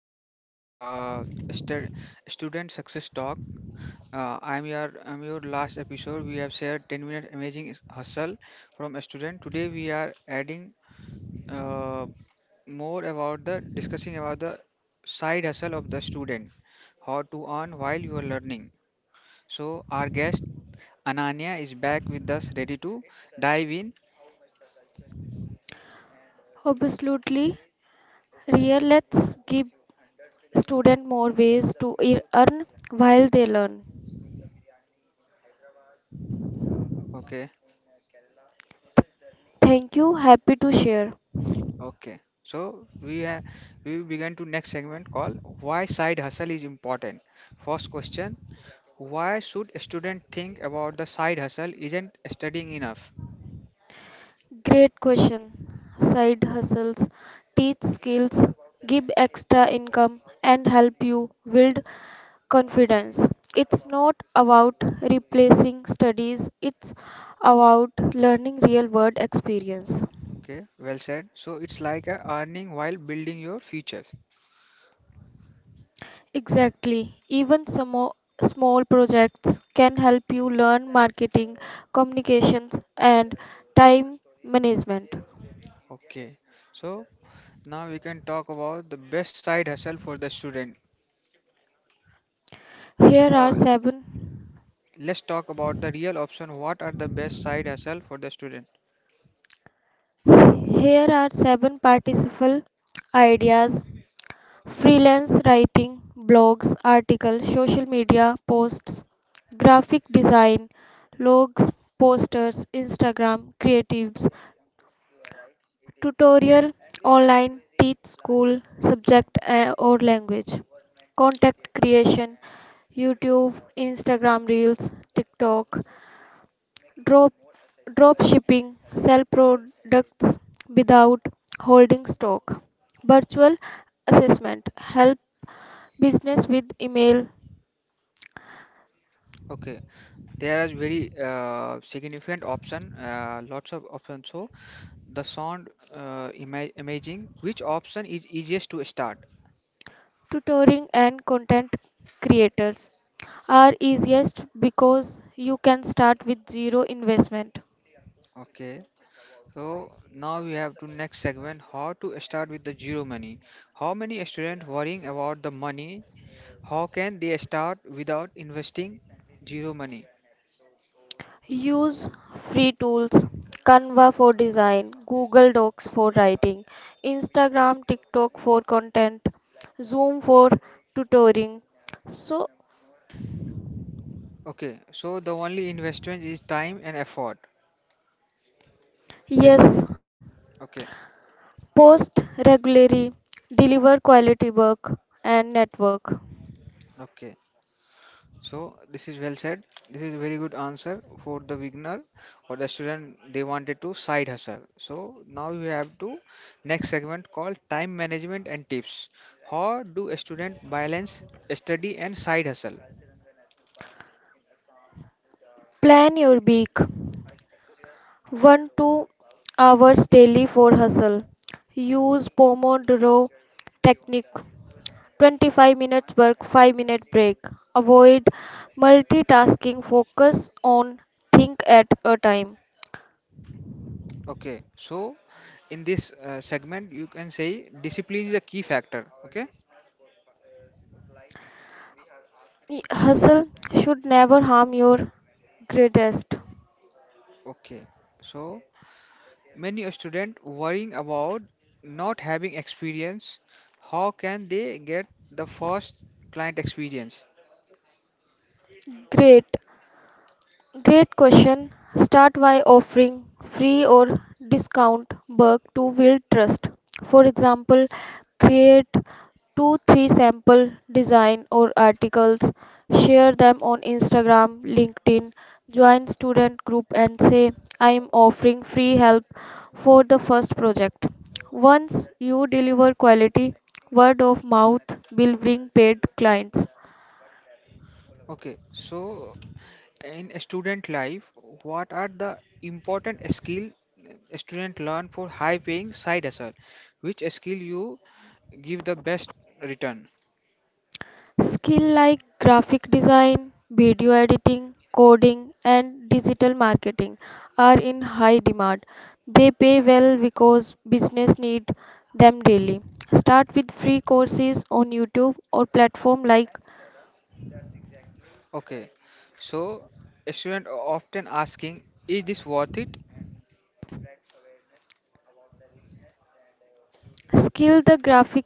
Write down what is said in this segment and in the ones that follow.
welcome to Stu- Student Success Talk. I'm your last episode. We have shared 10-minute amazing hustle from a student. Today we are adding uh, more about the discussing about the side hustle of the student, how to earn while you are learning. So our guest Ananya is back with us, ready to dive in. Absolutely. Here, let's give students more ways to earn while they learn. Okay. Thank you. Happy to share. Okay, so we begin to next segment called Why Side Hustle is Important. First question, why should a student think about the side hustle isn't studying enough? Great question. Side hustles teach skills, give extra income, and help you build confidence. It's not about replacing studies, it's about learning real world experience. Okay, well said. So it's like a earning while building your futures. Exactly. Even some small projects can help you learn marketing, communications, and time management. Okay, so now we can talk about the best side hustle for the student. Here Uh, are seven. let's talk about the real option. What are the best side hustle for the student? Here are seven participle ideas: freelance writing, blogs, articles, social media posts, graphic design, logs, posters, Instagram, creatives, tutorial, online, teach school, subject or language, content creation, YouTube, Instagram Reels, TikTok, drop drop shipping, sell products without holding stock, virtual assessment, help business with email, Okay, there are very significant option, lots of options. So the sound imaging which option is easiest to start. tutoring and content creators are easiest because you can start with zero investment. Okay, so now we have to next segment, how to start with the zero money. How many students worrying about the money? How can they start without investing zero money? Use free tools Canva for design, Google Docs for writing, Instagram, TikTok for content, Zoom for tutoring. So, Okay, so the only investment is time and effort. Yes. yes, Okay. post regularly, deliver quality work and network. Okay. So this is well said. This is a very good answer for the beginner or the student they wanted to side hustle. So now we have to next segment called time management and tips. How do a student balance study and side hustle? Plan your week 1 2 hours daily for hustle. Use Pomodoro technique 25 minutes work, 5-minute break. Avoid multitasking, focus on think at a time. Okay, so in this segment you can say discipline is a key factor. Okay. Hustle should never harm your greatest. Okay. So many a student worrying about not having experience. How can they get the first client experience? Great. Great question. Start by offering free or discount work to build trust. For example, create two, three sample design or articles, share them on Instagram, LinkedIn, join student group and say, I am offering free help for the first project. Once you deliver quality, word of mouth will bring paid clients. Okay, so in student life, what are the important skill a student learn for high paying side hustle? Which skill you give the best return? Skills like graphic design, video editing, coding, and digital marketing are in high demand. They pay well because business need them daily. Start with free courses on YouTube or platform like. Okay, so a student often asking, is this worth it? Skill the graphic.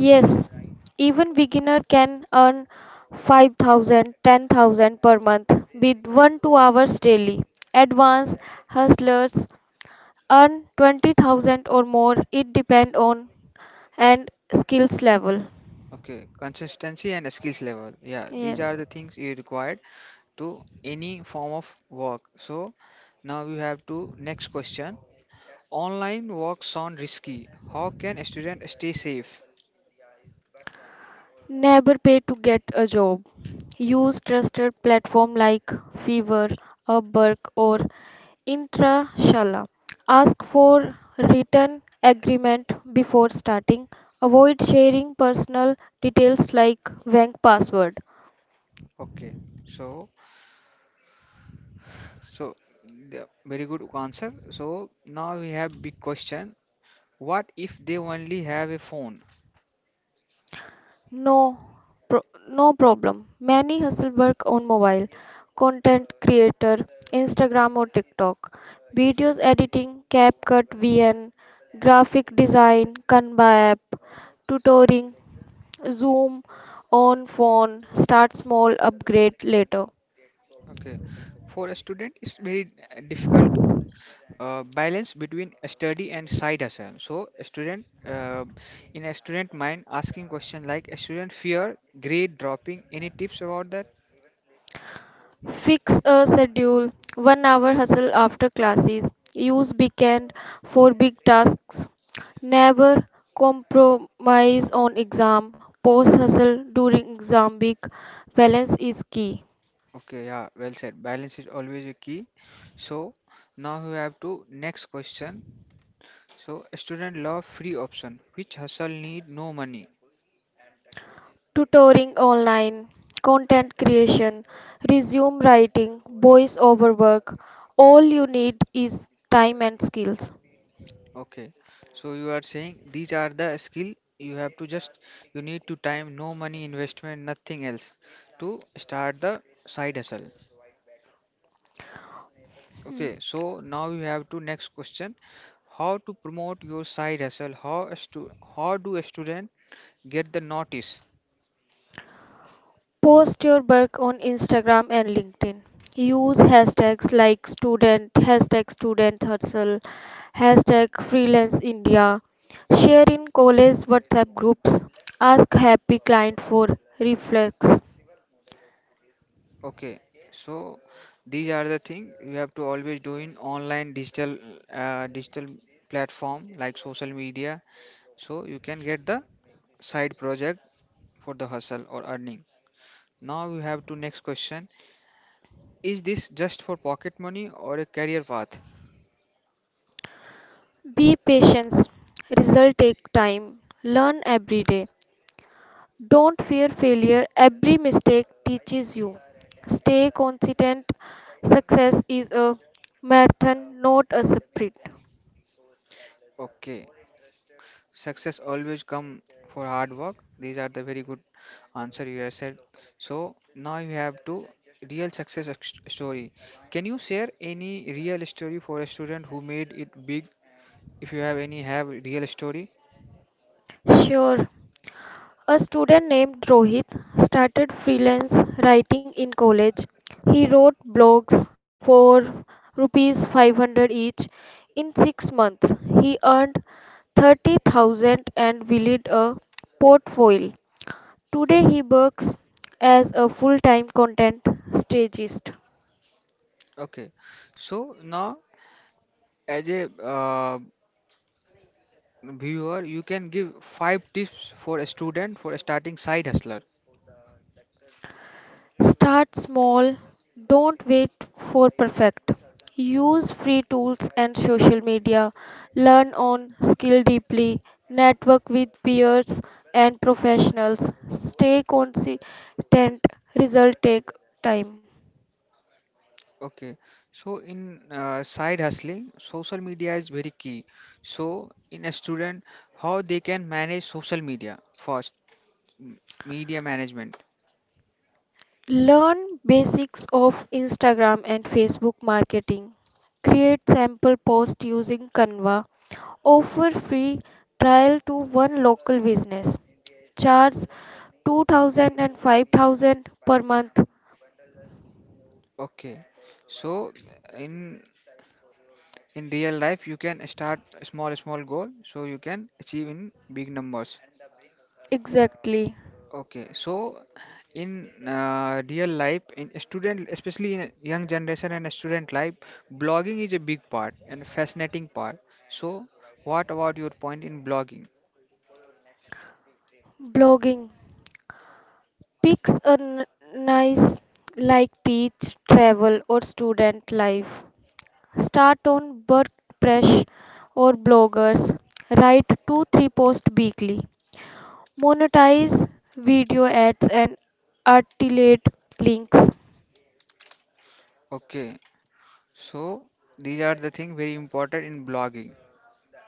Yes, even beginner can earn 5,000, 10,000 per month with 1 2 hours daily. Advanced hustlers earn 20,000 or more it depend on and skills level. Okay, consistency and skills level. Yeah, these are Yes. the things you required to any form of work. So now we have to next question. Online work sound risky. How can a student stay safe? for Never pay to get a job. Use trusted platform like Fiverr, Upwork or Intrashala. Ask for written agreement before starting. Avoid sharing personal details like bank password. Okay, so so the very good answer. So now we have big question. What if they only have a phone? No, pro- no problem. Many hustle work on mobile, content creator, Instagram or TikTok, videos editing, CapCut, VN, graphic design, Canva app, tutoring, Zoom on phone, start small, upgrade later. Okay, for a student, it's very difficult to balance between study and side hustle. So a student, in a student mind, asking question like a student fear grade dropping. Any tips about that? Fix a schedule, 1 hour hustle after classes, use weekend for big tasks, never compromise on exam, post hustle during exam week, balance is key. Okay, yeah, well said. Balance is always a key. So now we have to next question. So student love free option, which hustle need no money. Tutoring online, content creation, resume writing, voice over work, all you need is time and skills. Okay. So you are saying these are the skill you have to just you need to time no money investment nothing else to start the side hustle. Hmm. Okay. So now you have to next question. How to promote your side hustle? How do a student get the notice? Post your work on Instagram and LinkedIn. Use hashtags like student, hashtag student hustle, hashtag freelance India. Share in college WhatsApp groups. Ask happy client for reflex. Okay. So these are the thing you have to always do in online digital digital platform like social media, so you can get the side project for the hustle or earning. Now we have to next question. Is this just for pocket money or a career path? Be patient. Result take time. Learn every day. Don't fear failure. Every mistake teaches you. Stay consistent. Success is a marathon, not a sprint. Okay. Success always come for hard work. These are the very good answer you have said. So now you have to real success story. Can you share any real story for a student who made it big, if you have any have real story? Sure. A student named Rohit started freelance writing in college. He wrote blogs for rupees 500 each. In 6 months, he earned 30,000 and built a portfolio. Today he works as a full-time content strategist. Okay, so now as a viewer, you can give five tips for a student for a starting side hustler. Start small, don't wait for perfect. Use free tools and social media. Learn on skill deeply. Network with peers and professionals. Stay consistent. Result take time. Okay, so in side hustling, social media is very key. So in a student, how they can manage social media first, m- media management. Learn basics of Instagram and Facebook marketing. Create sample post using Canva. Offer free trial to one local business. Charge 2000 and 5,000 per month. Okay, so in in real life, you can start a small small goal, so you can achieve in big numbers. Exactly. Okay, so in real life, in student, especially in young generation and student life, blogging is a big part and fascinating part. So, what about your point in blogging? Blogging. Picks a nice like beach, travel or student life. Start on WordPress or bloggers. Write 2 3 posts weekly. Monetize video ads and articulate links. Okay, so these are the things very important in blogging.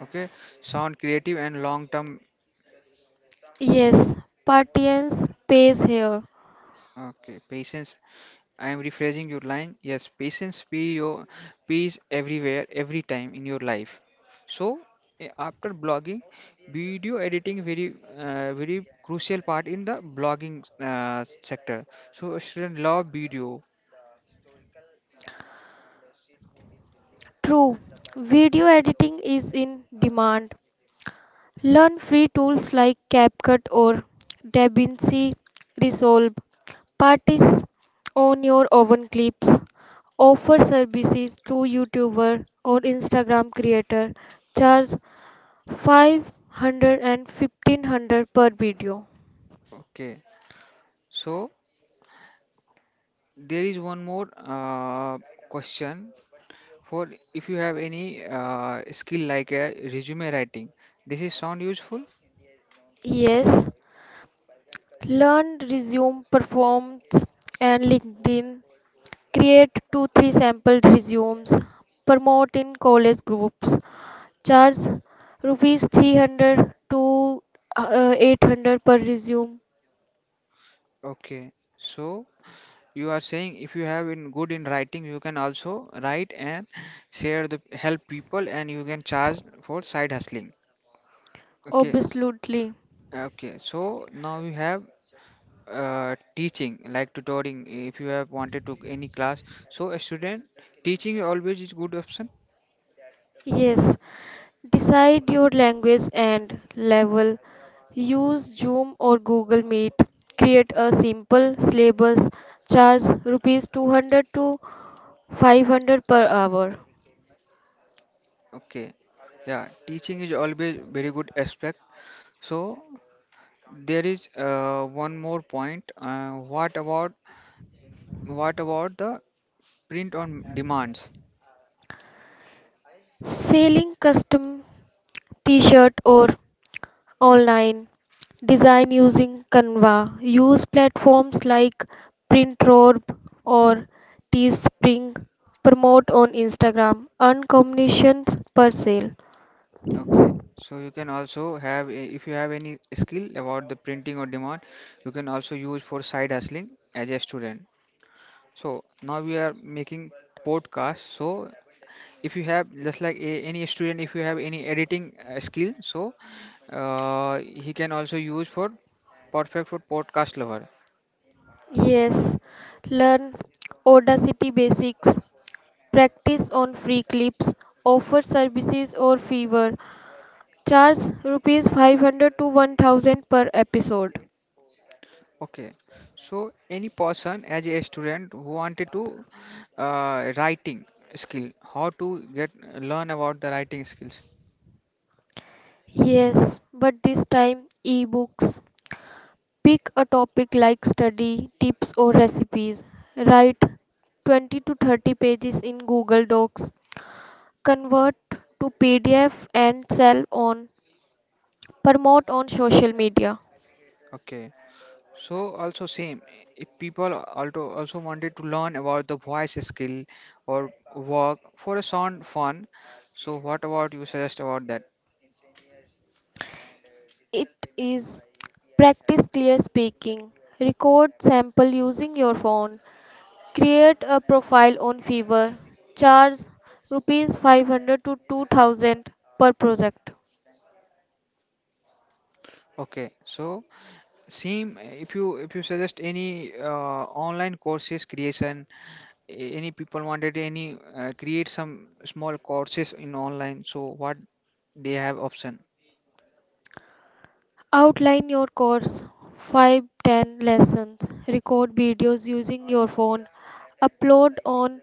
Okay, sound creative and long-term. Yes, Parthians pays here. Okay, patience I am rephrasing your line. Yes, patience be your peace everywhere, every time in your life. So after blogging, video editing very crucial part in the blogging sector. So student love video. True, video editing is in demand. Learn free tools like CapCut or DaVinci Resolve. Parties on your own clips. Offer services to YouTuber or Instagram creator. Charge 500 and 1500 per video. Okay. So there is one more question for if you have any skill like a resume writing. This is sound useful? Yes, learn resume performs and LinkedIn. Create two three sample resumes. Promote in college groups. Charge rupees 300 to 800 per resume. Okay. So, you are saying if you have in good in writing you can also write and share the help people and you can charge for side hustling. Okay. Absolutely. Okay, so now we have teaching like tutoring if you have wanted to any class, so a student teaching always is good option. Yes, decide your language and level. Use Zoom or Google Meet. Create a simple syllabus. Charge rupees 200 to 500 per hour. Okay. Yeah, teaching is always very good aspect. So there is one more point, what about the print on demands? Selling custom t-shirt or online design using Canva. Use platforms like Printrob or Teespring. Promote on Instagram. Earn commissions per sale. Okay, so you can also have, if you have any skill about the printing or demand, you can also use for side hustling as a student. So now we are making podcast. So if you have, just like a, any student, if you have any editing skill, so he can also use for perfect for podcast lover. Yes, learn Audacity basics, practice on free clips, offer services or fever. Charge rupees 500 to 1000 per episode. Okay, so any person as a student who wanted to writing skill, how to get learn about the writing skills. Yes, but this time ebooks. Pick a topic like study, tips, or recipes. Write 20 to 30 pages in Google Docs. Convert to PDF and sell on promote on social media. Okay. So also same, if people also wanted to learn about the voice skill or work for a sound fun, so what about you suggest about that? It is practice clear speaking, record sample using your phone, create a profile on Fiverr, charge rupees 500 to 2000 per project. Okay, so same if you suggest any online courses creation, any people wanted any create some small courses in online, so what they have option? Outline your course, 5 10 lessons, record videos using your phone, upload on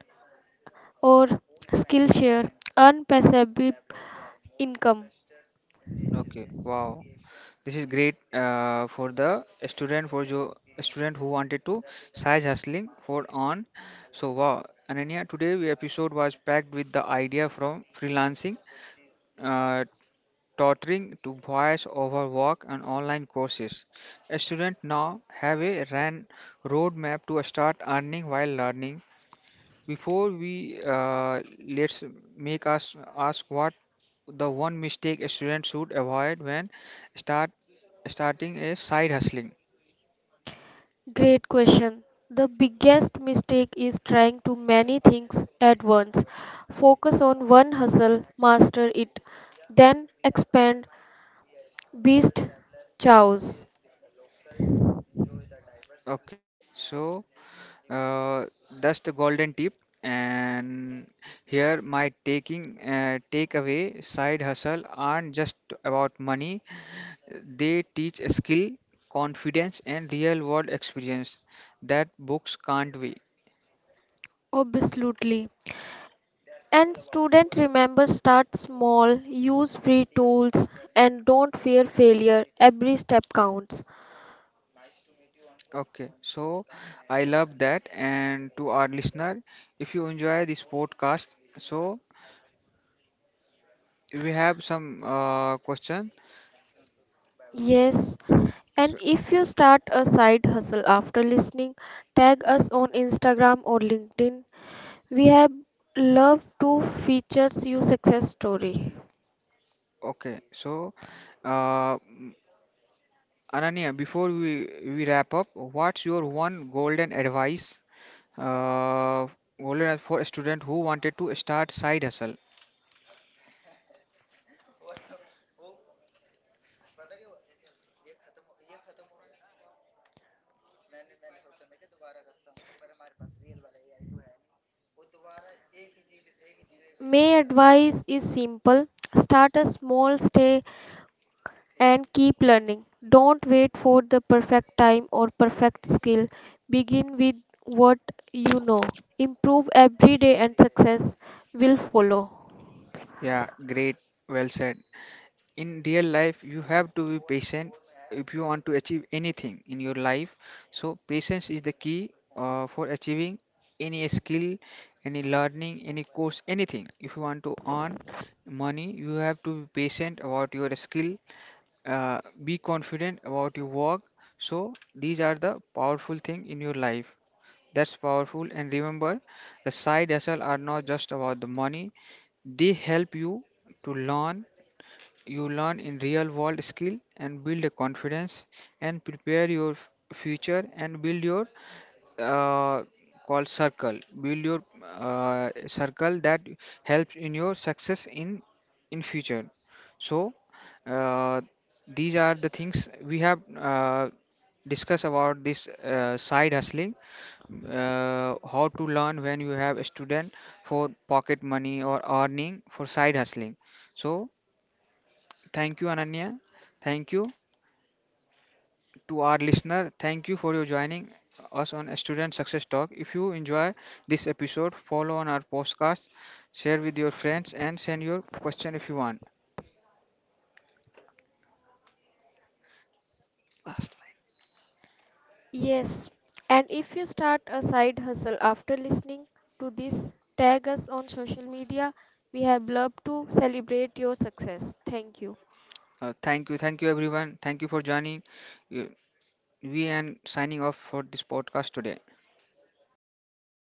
or Skillshare, earn passive income. Okay, wow. This is great for the student for jo student who wanted to size hustling for on. So wow, Ananya, today we episode was packed with the idea from freelancing, uh, tutoring to voice over work and online courses. A student now have a ran roadmap to start earning while learning. Before we let's make us ask what the one mistake a student should avoid when start starting a side hustling. Great question. The biggest mistake is trying to many things at once. Focus on one hustle, master it, then expand beast chows. Okay, so that's the golden tip. And here my taking takeaway, side hustle aren't just about money, they teach a skill, confidence and real world experience that books can't be. Absolutely. And student remember start small, use free tools and don't fear failure. Every step counts. Okay, so I love that. And to our listener, if you enjoy this podcast, so we have some question. Yes. So, And if you start a side hustle after listening, tag us on Instagram or LinkedIn. We have love to feature your success story. okay, so uh, m- Ananya, before we wrap up, what's your one golden advice? Uh, for a student who wanted to start side hustle. My advice is simple start a small, stay and keep learning. Don't wait for the perfect time or perfect skill. Begin with what you know. Improve every day and success will follow. Yeah, great, well said. In real life you have to be patient if you want to achieve anything in your life, so patience is the key for achieving any skill, any learning, any course, anything. If you want to earn money you have to be patient about your skill, be confident about your work. So these are the powerful thing in your life. That's powerful, and remember, the side hustle are not just about the money, they help you to learn. You learn in real world skill and build a confidence and prepare your future and build your uh, call circle. Build your circle that helps in your success in future. So uh, these are the things we have discussed about this side hustling, how to learn when you have a student for pocket money or earning for side hustling. So thank you, Ananya. Thank you to our listener. Thank you for your joining us on Student Success Talk. If you enjoy this episode, follow on our podcast, share with your friends, and send your question if you want. Last Yes, and if you start a side hustle after listening to this, tag us on social media. We have loved to celebrate your success. Thank you. line. Thank you, everyone. Thank you for joining. Uh, We and signing off for this podcast today.